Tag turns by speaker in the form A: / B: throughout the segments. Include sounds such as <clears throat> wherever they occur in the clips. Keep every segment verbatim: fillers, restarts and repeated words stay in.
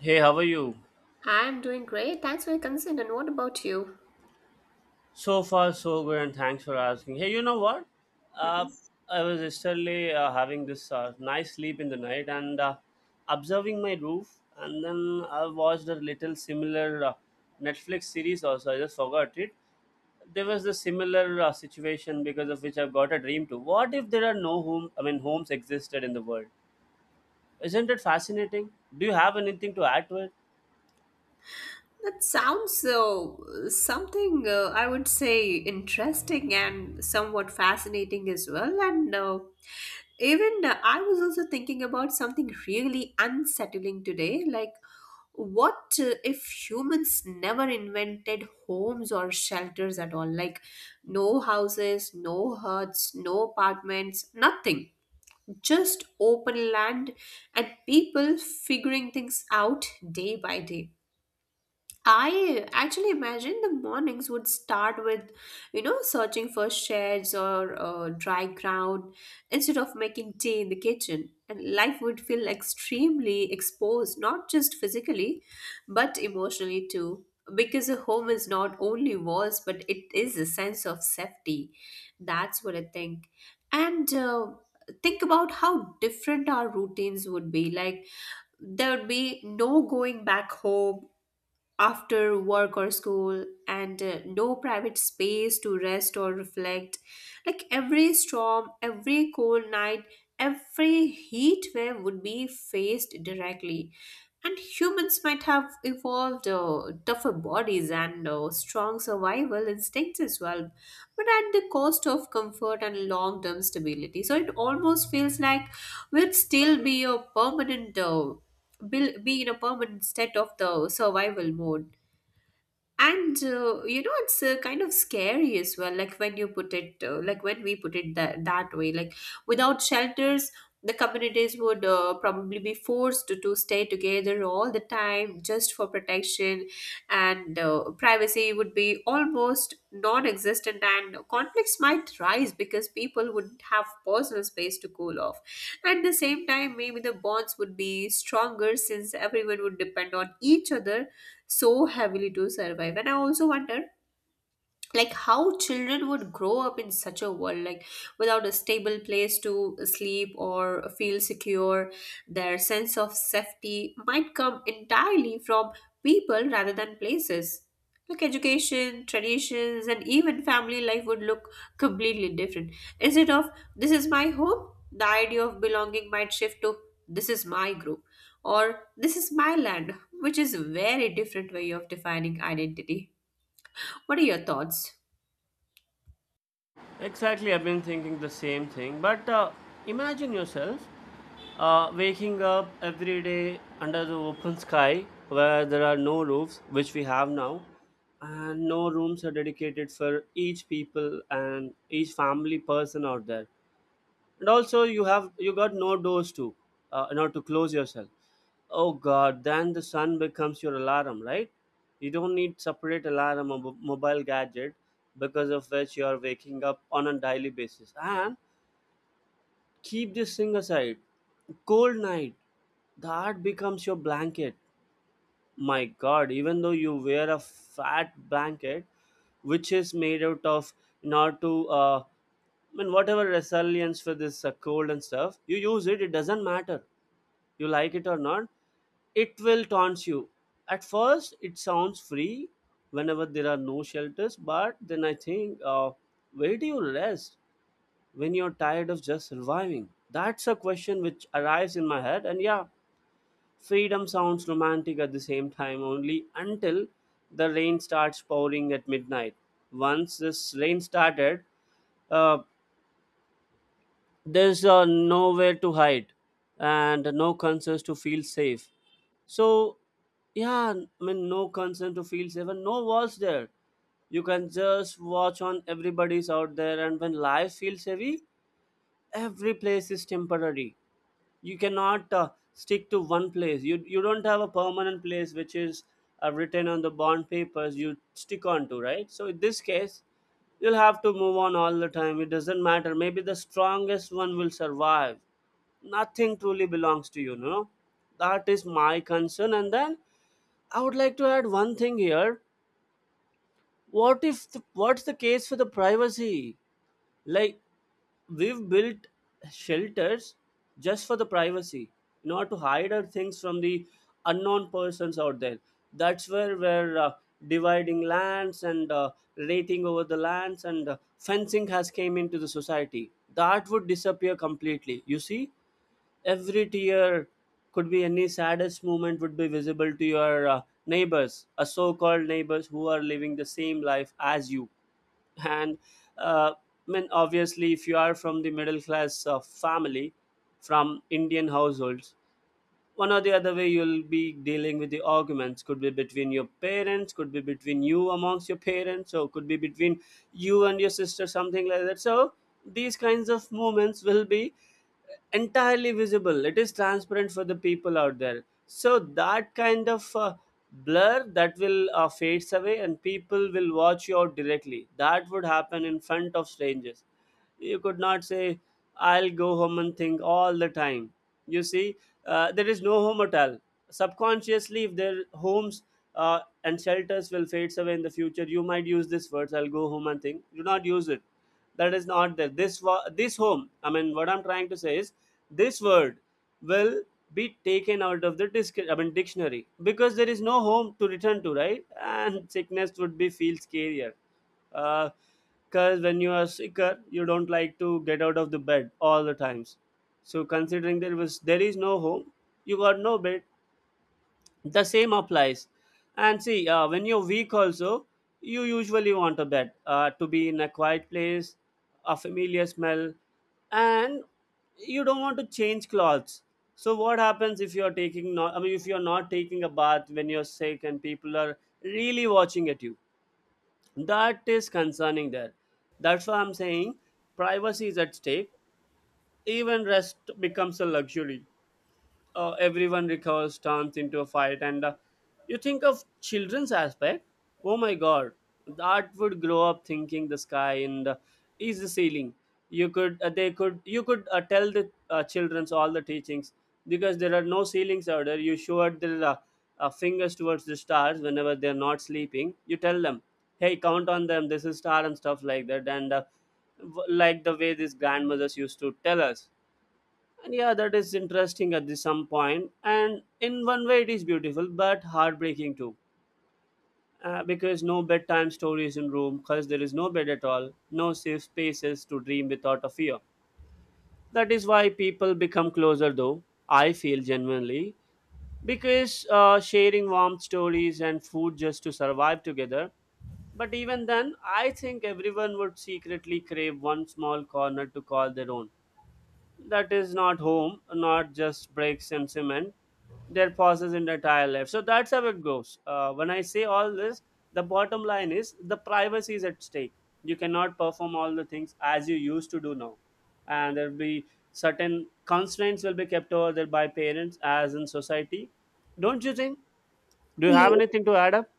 A: Hey, how are you?
B: I'm doing great. Thanks for your consent. And what about you?
A: So far, so good, and thanks for asking. Hey, you know what? Uh,
B: Mhm.
A: I was yesterday uh, having this uh, nice sleep in the night and uh, observing my roof, and then I watched a little similar uh, Netflix series also. I just forgot it. There was a similar uh, situation because of which I've got a dream too. What if there are no home? I mean, homes existed in the world. Isn't it fascinating? Do you have anything to add to it?
B: That sounds uh, something uh, I would say interesting and somewhat fascinating as well. And uh, Even uh, I was also thinking about something really unsettling today. Like what uh, if humans never invented homes or shelters at all, like no houses, no huts, no apartments, nothing, just open land, and people figuring things out day by day. I actually imagine the mornings would start with, you know, searching for sheds or uh, dry ground instead of making tea in the kitchen. And life would feel extremely exposed, not just physically, but emotionally too. Because a home is not only walls, but it is a sense of safety. That's what I think. And uh, Think about how different our routines would be. Like, there would be no going back home after work or school, and uh, no private space to rest or reflect. Like every storm, every cold night, every heat wave would be faced directly, and humans might have evolved uh, tougher bodies and uh, strong survival instincts as well, but at the cost of comfort and long term stability. So it almost feels like we'd still be a permanent uh, be, be in a permanent state of the survival mode. And uh, you know it's uh, kind of scary as well, like when you put it uh, like when we put it that, that way. Like without shelters, the communities would uh, probably be forced to, to stay together all the time just for protection, and uh, privacy would be almost non-existent, and conflicts might rise because people would not have personal space to cool off. At the same time, maybe the bonds would be stronger since everyone would depend on each other so heavily to survive. And I also wonder like how children would grow up in such a world, like without a stable place to sleep or feel secure, their sense of safety might come entirely from people rather than places. Like education, traditions, and even family life would look completely different. Instead of "this is my home," the idea of belonging might shift to "this is my group" or "this is my land," which is very different way of defining identity. What are your thoughts?
A: Exactly, I've been thinking the same thing. But uh, imagine yourself. Uh, waking up every day under the open sky where there are no roofs, which we have now, and no rooms are dedicated for each people and each family person out there. And also, you have you got no doors to, uh, in order to close yourself. Oh God! Then the sun becomes your alarm, right? You don't need separate alarm or mo- mobile gadget because of which you are waking up on a daily basis, and keep this thing aside. Cold night. That becomes your blanket. My god, even though you wear a fat blanket, which is made out of in order to uh, I mean, whatever resilience for this uh, cold and stuff, you use it, it doesn't matter. You like it or not, it will taunt you. At first, it sounds free whenever there are no shelters, but then I think, uh, where do you rest when you're tired of just surviving? That's a question which arrives in my head. And yeah, freedom sounds romantic at the same time, only until the rain starts pouring at midnight. Once this rain started, uh, there's uh, nowhere to hide and no concerns to feel safe. So, yeah, I mean, no concern to feel safe and no walls there. You can just watch on everybody's out there, and when life feels heavy, every place is temporary. You cannot uh, stick to one place, you you don't have a permanent place which is uh, written on the bond papers you stick on to, right? So in this case, you'll have to move on all the time. It doesn't matter, maybe the strongest one will survive. Nothing truly belongs to you, you know. That is my concern. And then I would like to add one thing here. What if the, what's the case for the privacy? Like, we've built shelters just for the privacy, not to hide our things from the unknown persons out there. That's where we're uh, dividing lands and uh, rating over the lands, and uh, fencing has came into the society. That would disappear completely, you see. Every tier could be, any saddest moment would be visible to your uh, neighbors, a so-called neighbors who are living the same life as you. And uh, I mean obviously if you are from the middle class uh, family from Indian households, one or the other way you'll be dealing with the arguments. Could be between your parents, could be between you amongst your parents, or could be between you and your sister, something like that. So these kinds of moments will be entirely visible, it is transparent for the people out there. So that kind of uh, blur that will uh, fades away and people will watch you out directly. That would happen in front of strangers. You could not say, I'll go home and think all the time. You see, uh, there is no home at all. Subconsciously, if their homes uh, and shelters will fade away in the future, you might use this words, I'll go home and think. Do not use it. That is not there. This, wo- this home, I mean, what I'm trying to say is, this word will be taken out of the disc- I mean, dictionary, because there is no home to return to, right? And sickness would be feel scarier, because when you are sicker you don't like to get out of the bed all the times. So considering there was there is no home, you got no bed, the same applies. And see, uh, when you're weak also, you usually want a bed, uh, to be in a quiet place, a familiar smell, and you don't want to change clothes. So what happens if you're taking not I mean, if you're not taking a bath when you're sick and people are really watching at you? That is concerning there. That's why I'm saying privacy is at stake. Even rest becomes a luxury, uh, everyone recovers turns into a fight. And uh, you think of children's aspect, oh my god, that would grow up thinking the sky and uh, is the ceiling. You could uh, they could you could uh, tell the uh, children's all the teachings, because there are no ceilings out there. You show their uh, uh, fingers towards the stars. Whenever they're not sleeping, you tell them, hey, count on them, this is star and stuff like that. And uh, w- like the way these grandmothers used to tell us. And yeah, that is interesting at this some point. And in one way, it is beautiful, but heartbreaking too. Uh, because no bedtime stories in room, because there is no bed at all, no safe spaces to dream without a fear. That is why people become closer though, I feel genuinely. Because uh, sharing warm stories and food just to survive together. But even then, I think everyone would secretly crave one small corner to call their own, that is not home, not just bricks and cement. Their pauses in their entire life. So that's how it goes. Uh, when I say all this, the bottom line is the privacy is at stake. You cannot perform all the things as you used to do now, and there will be certain constraints will be kept over there by parents as in society. Don't you think? Do you have
B: Ye-
A: anything to add up?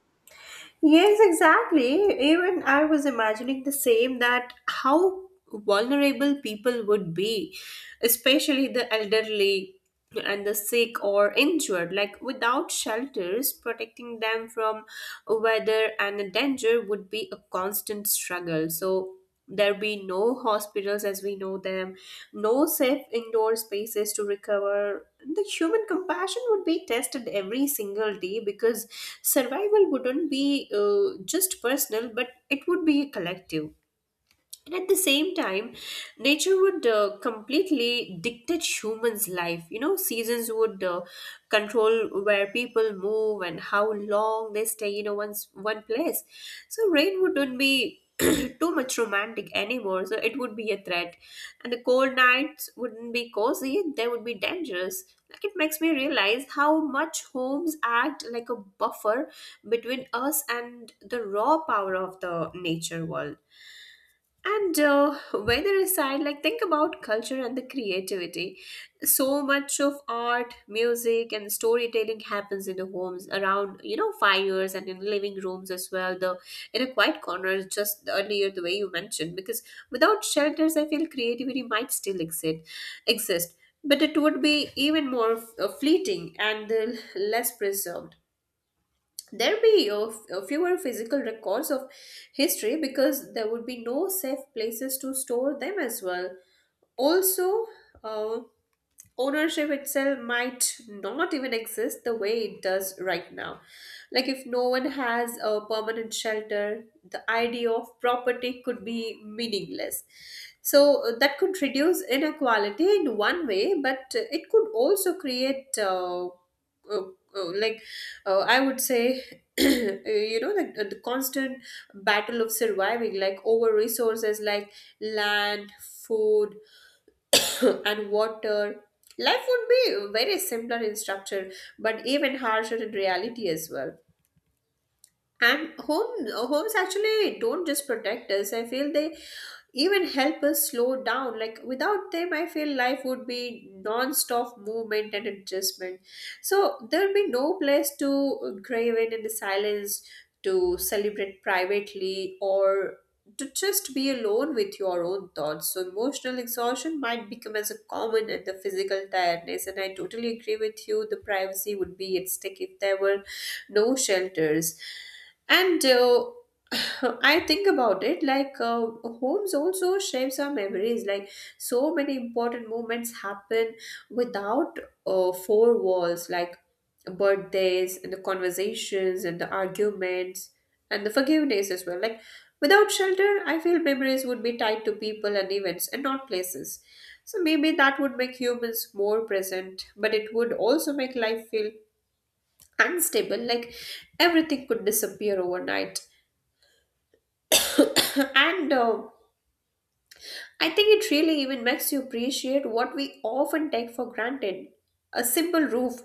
B: Yes, exactly. Even I was imagining the same, that how vulnerable people would be, especially the elderly and the sick or injured. Like without shelters, protecting them from weather and danger would be a constant struggle. So there be no hospitals as we know them, no safe indoor spaces to recover. The human compassion would be tested every single day because survival wouldn't be uh, just personal, but it would be collective. And at the same time, nature would uh, completely dictate humans' life. You know, seasons would uh, control where people move and how long they stay in a one, one place. So, rain wouldn't be <clears throat> too much romantic anymore. So, it would be a threat. And the cold nights wouldn't be cozy, they would be dangerous. Like, it makes me realize how much homes act like a buffer between us and the raw power of the nature world. And uh, Weather aside, like think about culture and the creativity. So much of art, music, and storytelling happens in the homes around, you know, fires and in living rooms as well. The in a quiet corner, just earlier the way you mentioned, because without shelters, I feel creativity might still exist, exist, but it would be even more uh, fleeting and uh, less preserved. There be uh, f- uh, fewer physical records of history because there would be no safe places to store them as well. Also, uh, ownership itself might not even exist the way it does right now. Like, if no one has a permanent shelter, the idea of property could be meaningless. So, uh, that could reduce inequality in one way, but uh, it could also create, uh, uh, uh, like, uh, I would say, <clears throat> uh, you know, like uh, the constant battle of surviving, like over resources like land, food, <coughs> and water. Life would be very simpler in structure, but even harsher in reality as well. And home homes actually don't just protect us, I feel they even help us slow down. Like without them, I feel life would be non-stop movement and adjustment. So there would be no place to grave in in the silence, to celebrate privately, or to just be alone with your own thoughts. So emotional exhaustion might become as a common and the physical tiredness. And I totally agree with you, the privacy would be at stake if there were no shelters. And uh, <sighs> <laughs> I think about it like uh, homes also shapes our memories. Like so many important moments happen without uh, four walls. Like birthdays and the conversations and the arguments and the forgiveness as well. Like without shelter, I feel memories would be tied to people and events and not places. So maybe that would make humans more present, but it would also make life feel unstable. Like everything could disappear overnight. <coughs> and uh, I think it really even makes you appreciate what we often take for granted. A simple roof,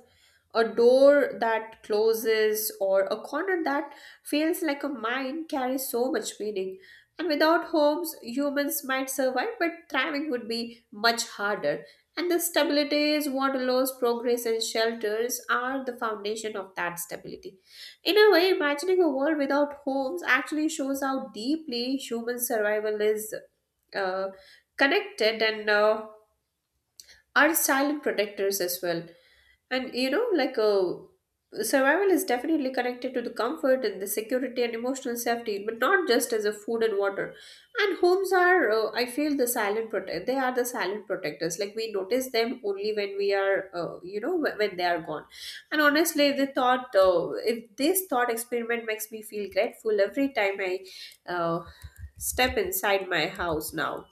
B: a door that closes, or a corner that feels like a mine carries so much meaning. And without homes, humans might survive, but thriving would be much harder. And the stability is what allows progress, and shelters are the foundation of that stability. In a way, imagining a world without homes actually shows how deeply human survival is uh, connected, and uh, are silent protectors as well. And you know, like uh, survival is definitely connected to the comfort and the security and emotional safety, but not just as a food and water. And homes are, uh, I feel, the silent protect. They are the silent protectors. Like we notice them only when we are, uh, you know, wh- when they are gone. And honestly, the thought, uh, if this thought experiment makes me feel grateful every time I uh, step inside my house now.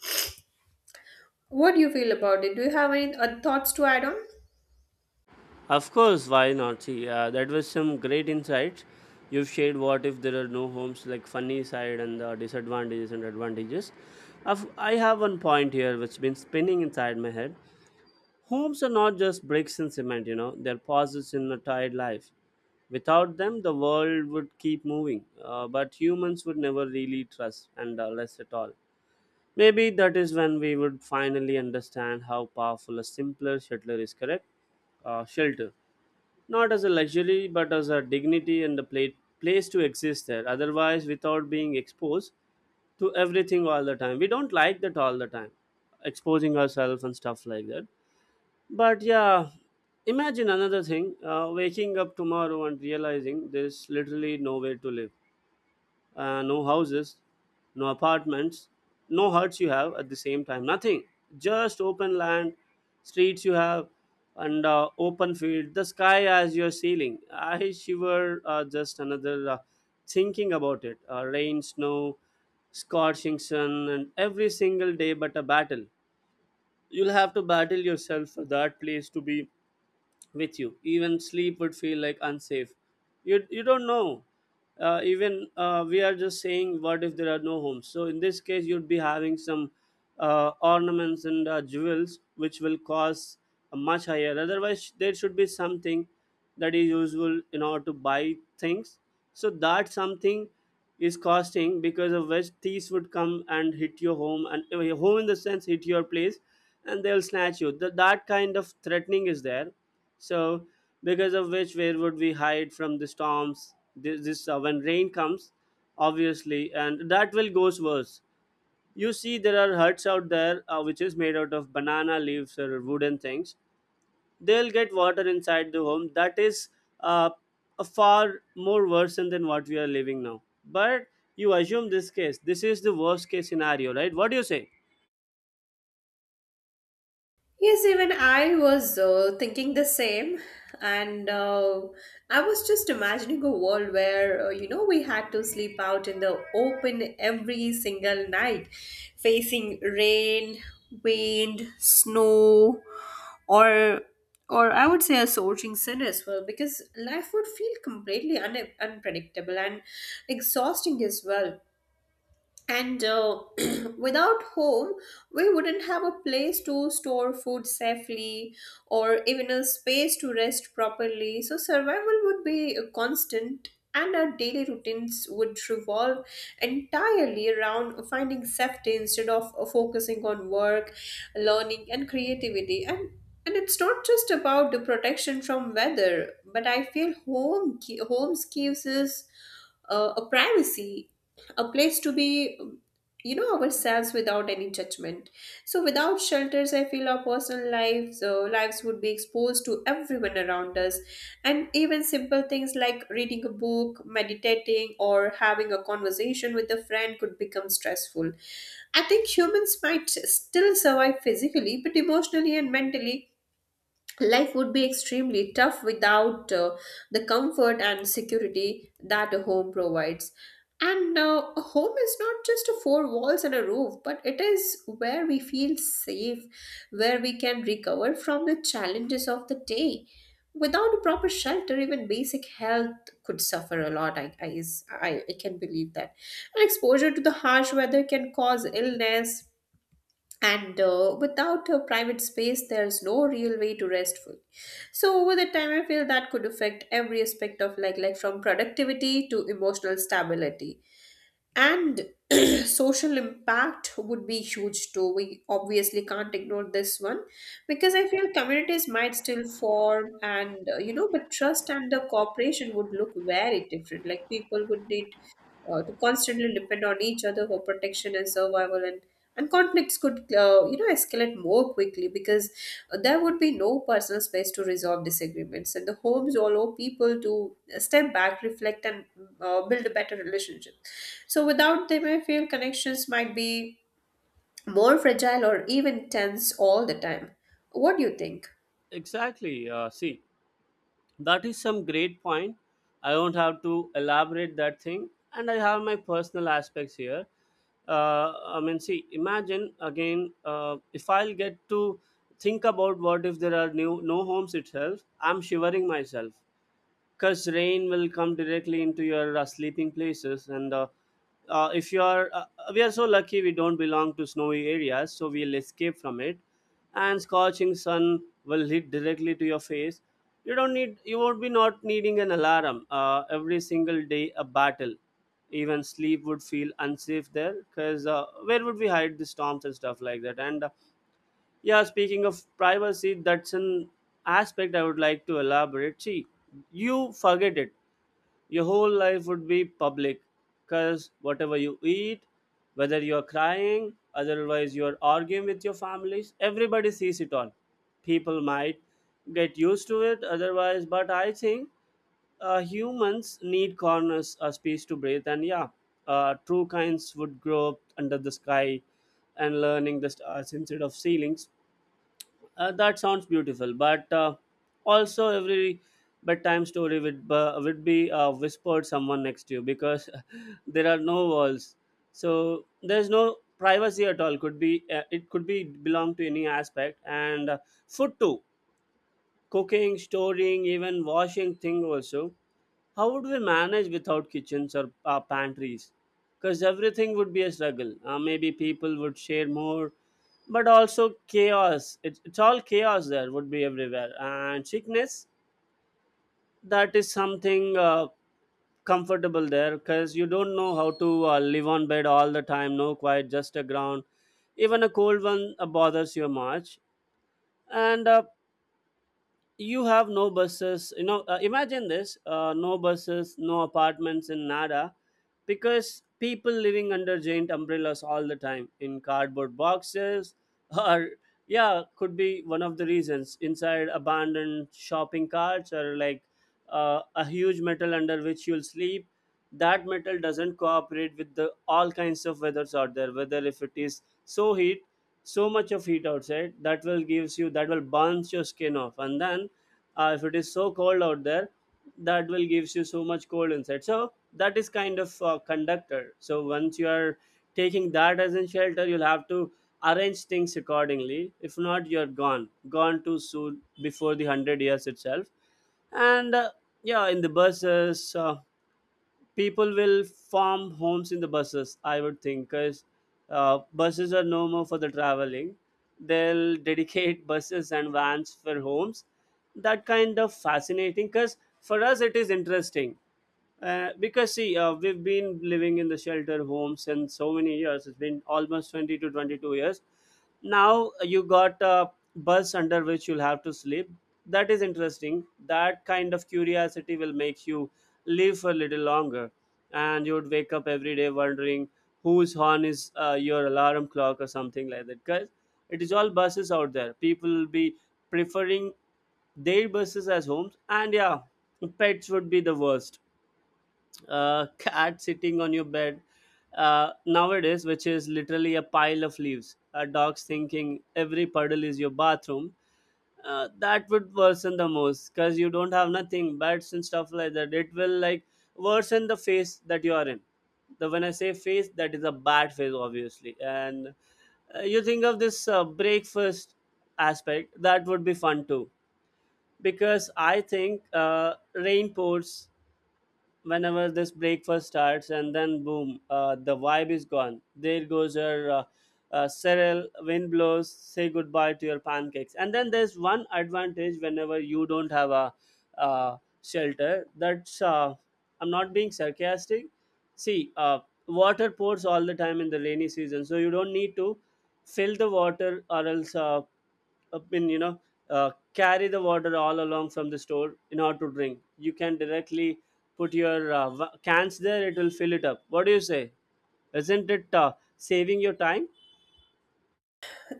B: What do you feel about it? Do you have any uh, thoughts to add on?
A: Of course, why not? See, uh, that was some great insights. You've shared what if there are no homes, like funny side and the disadvantages and advantages. Of- I have one point here which been spinning inside my head. Homes are not just bricks and cement, you know, they're pauses in a tired life. Without them, the world would keep moving, uh, but humans would never really trust and uh, less at all. Maybe that is when we would finally understand how powerful a simpler shelter is, correct? Uh, shelter not as a luxury but as a dignity and a pla- place to exist there, otherwise without being exposed to everything all the time. We don't like that all the time, exposing ourselves and stuff like that. But yeah, imagine another thing, uh, waking up tomorrow and realizing there's literally no way to live. Uh, no houses, no apartments, no huts you have at the same time, nothing. Just open land, streets you have, and uh, open field, the sky as your ceiling. I shiver uh, just another uh, thinking about it. Uh, rain, snow, scorching sun, and every single day but a battle. You'll have to battle yourself for that place to be with you. Even sleep would feel like unsafe. You you don't know. Uh, even uh, we are just saying, what if there are no homes? So in this case, you'd be having some uh, ornaments and uh, jewels, which will cost much higher. Otherwise, there should be something that is useful in order to buy things. So that something is costing, because of which thieves would come and hit your home, and uh, your home in the sense hit your place, and they'll snatch you. Th- that kind of threatening is there, so because of which, where would we hide from the storms this, this uh, when rain comes, obviously, and that will goes worse. You see, there are huts out there uh, which is made out of banana leaves or wooden things. They'll get water inside the home. That is uh, a far more worse than what we are living now. But you assume this case, this is the worst case scenario, right? What do you say?
B: Yes, even I was uh, thinking the same, and uh, I was just imagining a world where uh, you know we had to sleep out in the open every single night, facing rain, wind, snow, or or I would say a soaring sun as well, because life would feel completely un- unpredictable and exhausting as well. And uh, <clears throat> without home, we wouldn't have a place to store food safely or even a space to rest properly. So, survival would be a constant, and our daily routines would revolve entirely around finding safety instead of uh, focusing on work, learning, and creativity. And and it's not just about the protection from weather, but I feel home gi- homes gives us uh, a privacy, a place to be, you know, ourselves without any judgment. So without shelters, I feel our personal lives uh, lives would be exposed to everyone around us. And even simple things like reading a book, meditating, or having a conversation with a friend could become stressful. I think humans might still survive physically, but emotionally and mentally life would be extremely tough without uh, the comfort and security that a home provides. And uh, A home is not just a four walls and a roof, but it is where we feel safe, where we can recover from the challenges of the day. Without a proper shelter, even basic health could suffer a lot. I, I, is- I, I can believe that. And exposure to the harsh weather can cause illness, and uh, without a private space there's no real way to rest fully. So over the time, I feel that could affect every aspect of, like like from productivity to emotional stability. And <clears throat> social impact would be huge too, we obviously can't ignore this one, because I feel communities might still form, and uh, you know but trust and the cooperation would look very different. Like people would need uh, to constantly depend on each other for protection and survival, and and conflicts could, uh, you know escalate more quickly because there would be no personal space to resolve disagreements. And the homes allow people to step back, reflect, and uh, build a better relationship. So without them, I feel connections might be more fragile or even tense all the time. What do you think?
A: Exactly. Uh, see, that is some great point. I don't have to elaborate that thing, and I have my personal aspects here. uh, I mean, see, imagine again, uh, if I'll get to think about what if there are new no homes itself, I'm shivering myself. Because rain will come directly into your uh, sleeping places, and uh, uh, if you are uh, we are so lucky we don't belong to snowy areas, so we'll escape from it. And scorching sun will hit directly to your face. You don't need you won't be not needing an alarm uh, every single day, a battle. Even sleep would feel unsafe there, because uh, where would we hide the storms and stuff like that. And uh, yeah, speaking of privacy, that's an aspect I would like to elaborate. See, you forget it. Your whole life would be public, because whatever you eat, whether you're crying, otherwise you're arguing with your families, everybody sees it all. People might get used to it, otherwise, but I think uh, humans need corners, a space to breathe. And yeah, uh, true kinds would grow up under the sky and learning the stars instead of ceilings. Uh, that sounds beautiful, but uh, also every bedtime story would bu- would be uh, whispered someone next to you, because <laughs> there are no walls, so there's no privacy at all. Could be uh, It could be belong to any aspect. And uh, food too, cooking, storing, even washing thing also. How would we manage without kitchens or uh, pantries? Because everything would be a struggle. Uh, maybe people would share more, but also chaos. It's it's all chaos there would be everywhere. And sickness, that is something uh, comfortable there, because you don't know how to uh, live on bed all the time, no quiet, just a ground. Even a cold one uh, bothers you much. And uh, you have no buses you know uh, Imagine this, uh, no buses, no apartments in nada, because people living under giant umbrellas all the time, in cardboard boxes. <laughs> Or yeah, could be one of the reasons, inside abandoned shopping carts, or like uh, a huge metal under which you'll sleep. That metal doesn't cooperate with the all kinds of weathers out there. Whether if it is so heat, so much of heat outside, that will gives you that will burns your skin off. And then uh, if it is so cold out there, that will gives you so much cold inside. So that is kind of uh, conductor. So once you are taking that as in shelter, you'll have to arrange things accordingly. If not, you're gone gone too soon, before the one hundred years itself. And uh, yeah, in the buses, uh, people will farm homes in the buses, I would think, because uh, buses are no more for the traveling. They'll <laughs> dedicate buses and vans for homes. That kind of fascinating, because for us it is interesting. Uh, because see, uh, we've been living in the shelter home since so many years. It's been almost twenty to twenty-two years now. Uh, you got a bus under which you'll have to sleep. That is interesting. That kind of curiosity will make you live for a little longer. And you would wake up every day wondering whose horn is uh, your alarm clock or something like that, because it is all buses out there. People will be preferring their buses as homes. And yeah, pets would be the worst. Uh, cat sitting on your bed, uh, nowadays, which is literally a pile of leaves. Uh, dogs thinking every puddle is your bathroom. Uh, that would worsen the most, because you don't have nothing, bats and stuff like that. It will like worsen the phase that you are in. The when I say phase, that is a bad phase, obviously. And uh, you think of this uh, breakfast aspect, that would be fun too. Because I think uh, rain pours whenever this breakfast starts, and then boom, uh, the vibe is gone. There goes your uh, uh, cereal. Wind blows, say goodbye to your pancakes. And then there's one advantage whenever you don't have a uh, shelter, that's uh, I'm not being sarcastic. See, uh, water pours all the time in the rainy season, so you don't need to fill the water, or else uh, up in, you know uh, carry the water all along from the store in order to drink. You can directly put your uh, wa- cans there, it will fill it up. What do you say? Isn't it uh, saving your time?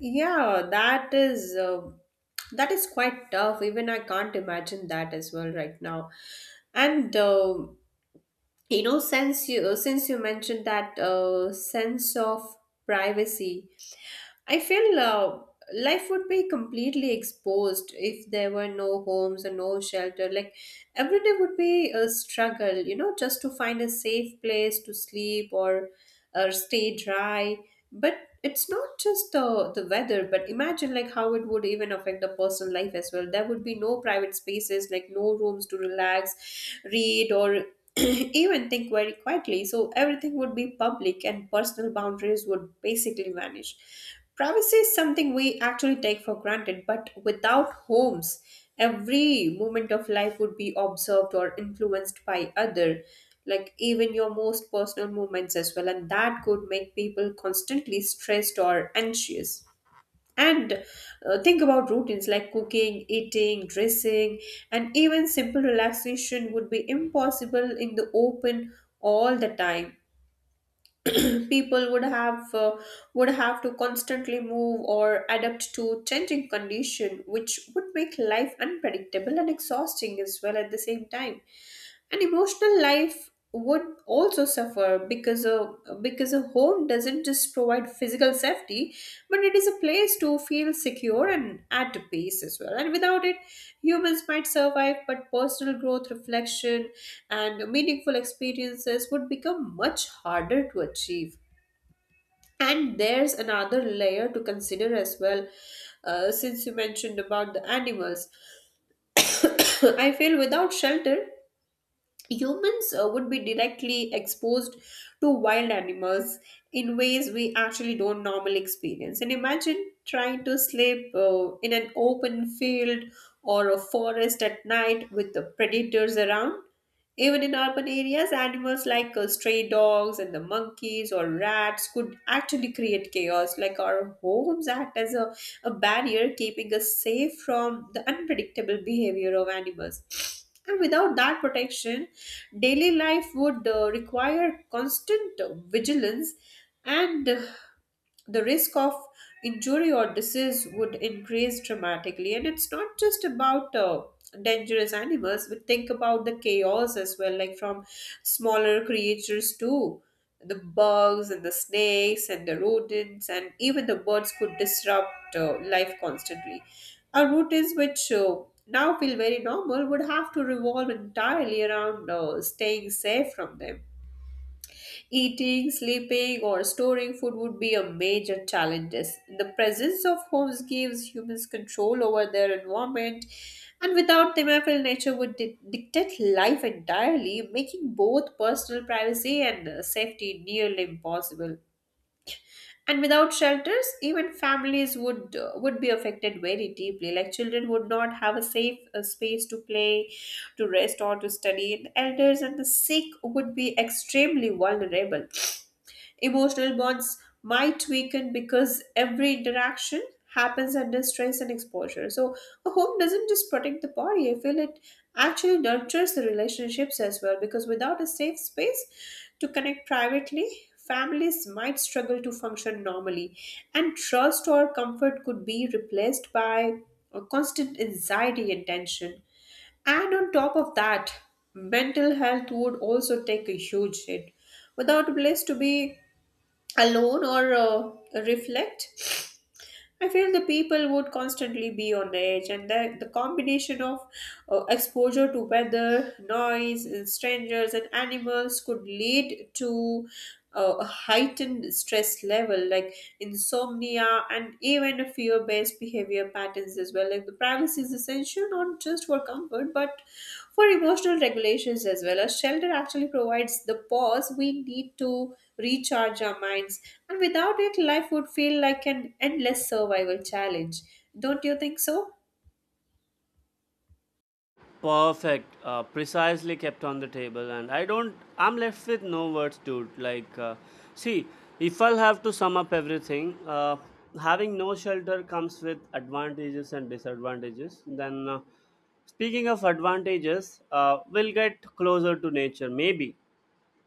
B: Yeah, that is uh, that is quite tough. Even I can't imagine that as well right now. And uh, You know, since you uh, since you mentioned that uh, sense of privacy, I feel uh, life would be completely exposed if there were no homes and no shelter. Like every day would be a struggle, you know, just to find a safe place to sleep or or stay dry. But it's not just the the weather, but imagine like how it would even affect the personal life as well. There would be no private spaces, like no rooms to relax, read or <clears throat> even think very quietly. So everything would be public and personal boundaries would basically vanish. Privacy is something we actually take for granted, but without homes, every moment of life would be observed or influenced by other, like even your most personal moments as well, and that could make people constantly stressed or anxious. And uh, think about routines like cooking, eating, dressing, and even simple relaxation would be impossible in the open all the time. <clears throat> People would have uh, would have to constantly move or adapt to changing condition, which would make life unpredictable and exhausting as well at the same time. And emotional life would also suffer because a because a home doesn't just provide physical safety, but it is a place to feel secure and at peace as well. And without it, humans might survive, but personal growth, reflection, and meaningful experiences would become much harder to achieve. And there's another layer to consider as well. Uh, since you mentioned about the animals, <coughs> I feel without shelter, humans uh, would be directly exposed to wild animals in ways we actually don't normally experience. And imagine trying to sleep uh, in an open field or a forest at night with the predators around. Even in urban areas, animals like uh, stray dogs and the monkeys or rats could actually create chaos. Like our homes act as a, a barrier, keeping us safe from the unpredictable behavior of animals. And without that protection, daily life would uh, require constant uh, vigilance, and uh, the risk of injury or disease would increase dramatically. And it's not just about uh, dangerous animals, but think about the chaos as well, like from smaller creatures too. The bugs and the snakes and the rodents and even the birds could disrupt uh, life constantly. Our routines, which uh, now feel very normal, would have to revolve entirely around uh, staying safe from them. Eating, sleeping, or storing food would be a major challenge. The presence of homes gives humans control over their environment, and without them, I feel nature would di- dictate life entirely, making both personal privacy and uh, safety nearly impossible. And without shelters, even families would uh, would be affected very deeply. Like children would not have a safe uh, space to play, to rest, or to study. And elders and the sick would be extremely vulnerable. Emotional bonds might weaken because every interaction happens under stress and exposure. So, a home doesn't just protect the body. I feel it actually nurtures the relationships as well, because without a safe space to connect privately, families might struggle to function normally, and trust or comfort could be replaced by a constant anxiety and tension. And on top of that, mental health would also take a huge hit. Without a place to be alone or uh, reflect, I feel the people would constantly be on the edge, and the the combination of uh, exposure to weather, noise and strangers and animals could lead to uh, a heightened stress level, like insomnia and even fear based behavior behavior patterns as well. Like the privacy is essential not just for comfort, but for emotional regulations as well. A shelter actually provides the pause we need to recharge our minds, and without it, life would feel like an endless survival challenge. Don't you think so?
A: Perfect, uh, precisely kept on the table. And I don't, I'm left with no words, dude. Like, uh, see, if I'll have to sum up everything, uh, having no shelter comes with advantages and disadvantages. Then, uh, speaking of advantages, uh, we'll get closer to nature, maybe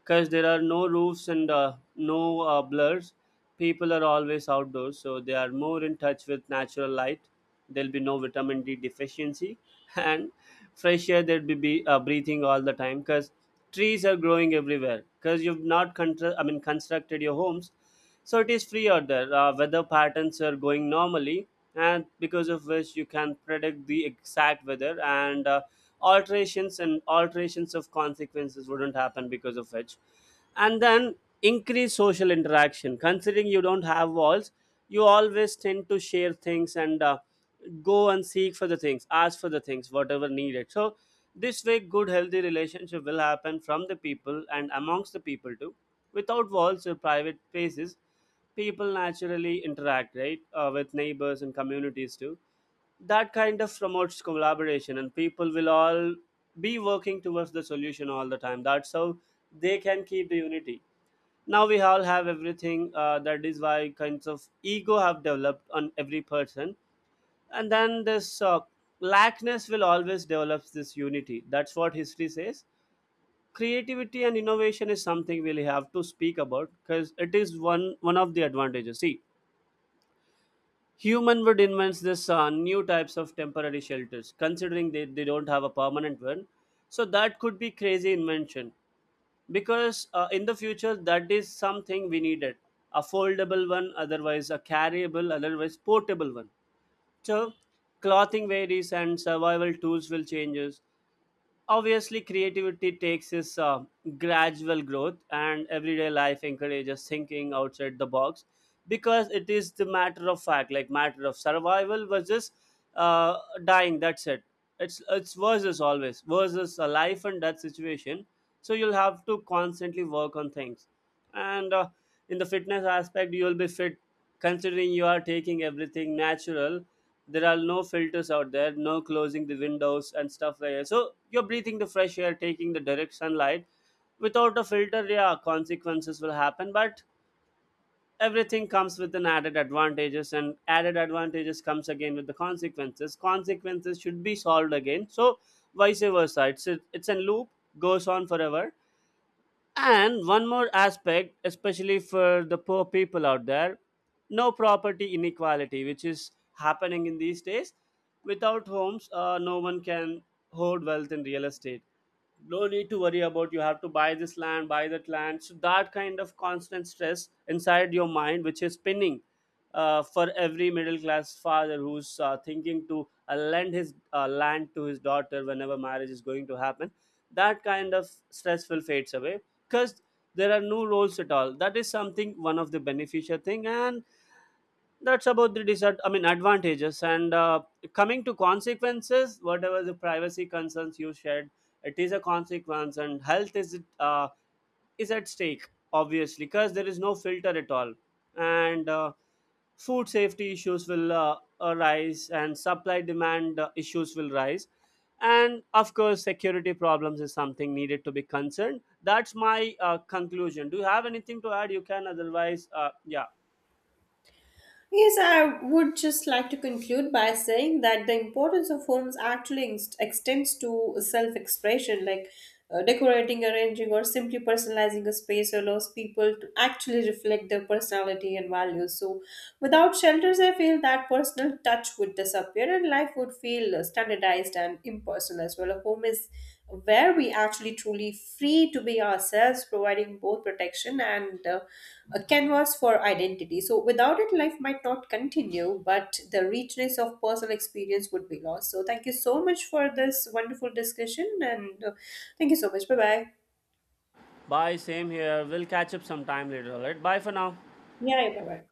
A: because there are no roofs and uh, no uh, blurs. People are always outdoors, so they are more in touch with natural light. There'll be no vitamin D deficiency. <laughs> And fresh air they'll be, be uh, breathing all the time, because trees are growing everywhere, because you've not contra- i mean constructed your homes, so it is free out there. Uh, weather patterns are going normally, and because of which you can predict the exact weather, and uh, alterations and alterations of consequences wouldn't happen, because of which. And then increase social interaction, considering you don't have walls. You always tend to share things and uh, go and seek for the things, ask for the things, whatever needed. So this way good healthy relationship will happen from the people and amongst the people too. Without walls or private spaces, people naturally interact, right, uh, with neighbors and communities too. That kind of promotes collaboration, and people will all be working towards the solution all the time. That's how they can keep the unity. Now we all have everything, uh, that is why kinds of ego have developed on every person. And then this uh, lackness will always develop this unity. That's what history says. Creativity and innovation is something we'll have to speak about, because it is one one of the advantages. See, human would invent this uh, new types of temporary shelters, considering they, they don't have a permanent one. So that could be crazy invention, because uh, in the future that is something we needed: a foldable one, otherwise a carryable, otherwise portable one. So clothing varies and survival tools will changes. Obviously, creativity takes its uh, gradual growth, and everyday life encourages thinking outside the box, because it is the matter of fact, like matter of survival versus uh, dying, that's it. It's it's versus, always versus a life and death situation. So you'll have to constantly work on things. And uh, in the fitness aspect, you'll be fit, considering you are taking everything natural. There are no filters out there, no closing the windows and stuff like that, so you're breathing the fresh air, taking the direct sunlight without a filter. Yeah, consequences will happen, but everything comes with an added advantages, and added advantages comes again with the consequences. Consequences should be solved again. So vice versa, it's a, it's a loop, goes on forever. And one more aspect, especially for the poor people out there: no property inequality, which is happening in these days. Without homes, uh, no one can hoard wealth in real estate. No need to worry about you have to buy this land, buy that land. So that kind of constant stress inside your mind which is spinning, uh, for every middle class father who's uh, thinking to uh, lend his uh, land to his daughter whenever marriage is going to happen, that kind of stress will fades away, because there are no rules at all. That is something one of the beneficial thing. And that's about the disad- i mean advantages. And uh, coming to consequences, whatever the privacy concerns you shared, it is a consequence. And health is it uh, is at stake, obviously, because there is no filter at all. And uh, food safety issues will uh, arise, and supply demand uh, issues will rise. And of course, security problems is something needed to be concerned. That's my uh, conclusion. Do you have anything to add? You can, otherwise uh, yeah.
B: Yes, I would just like to conclude by saying that the importance of homes actually ex- extends to self expression, like uh, decorating, arranging, or simply personalizing a space allows people to actually reflect their personality and values. So, without shelters, I feel that personal touch would disappear and life would feel uh, standardized and impersonal as well. A home is where we actually truly free to be ourselves, providing both protection and uh, a canvas for identity. So without it, life might not continue, but the richness of personal experience would be lost. So thank you so much for this wonderful discussion, and uh, thank you so much. Bye bye.
A: Bye, same here. We'll catch up sometime later, alright? Bye for now.
B: Yeah, bye bye.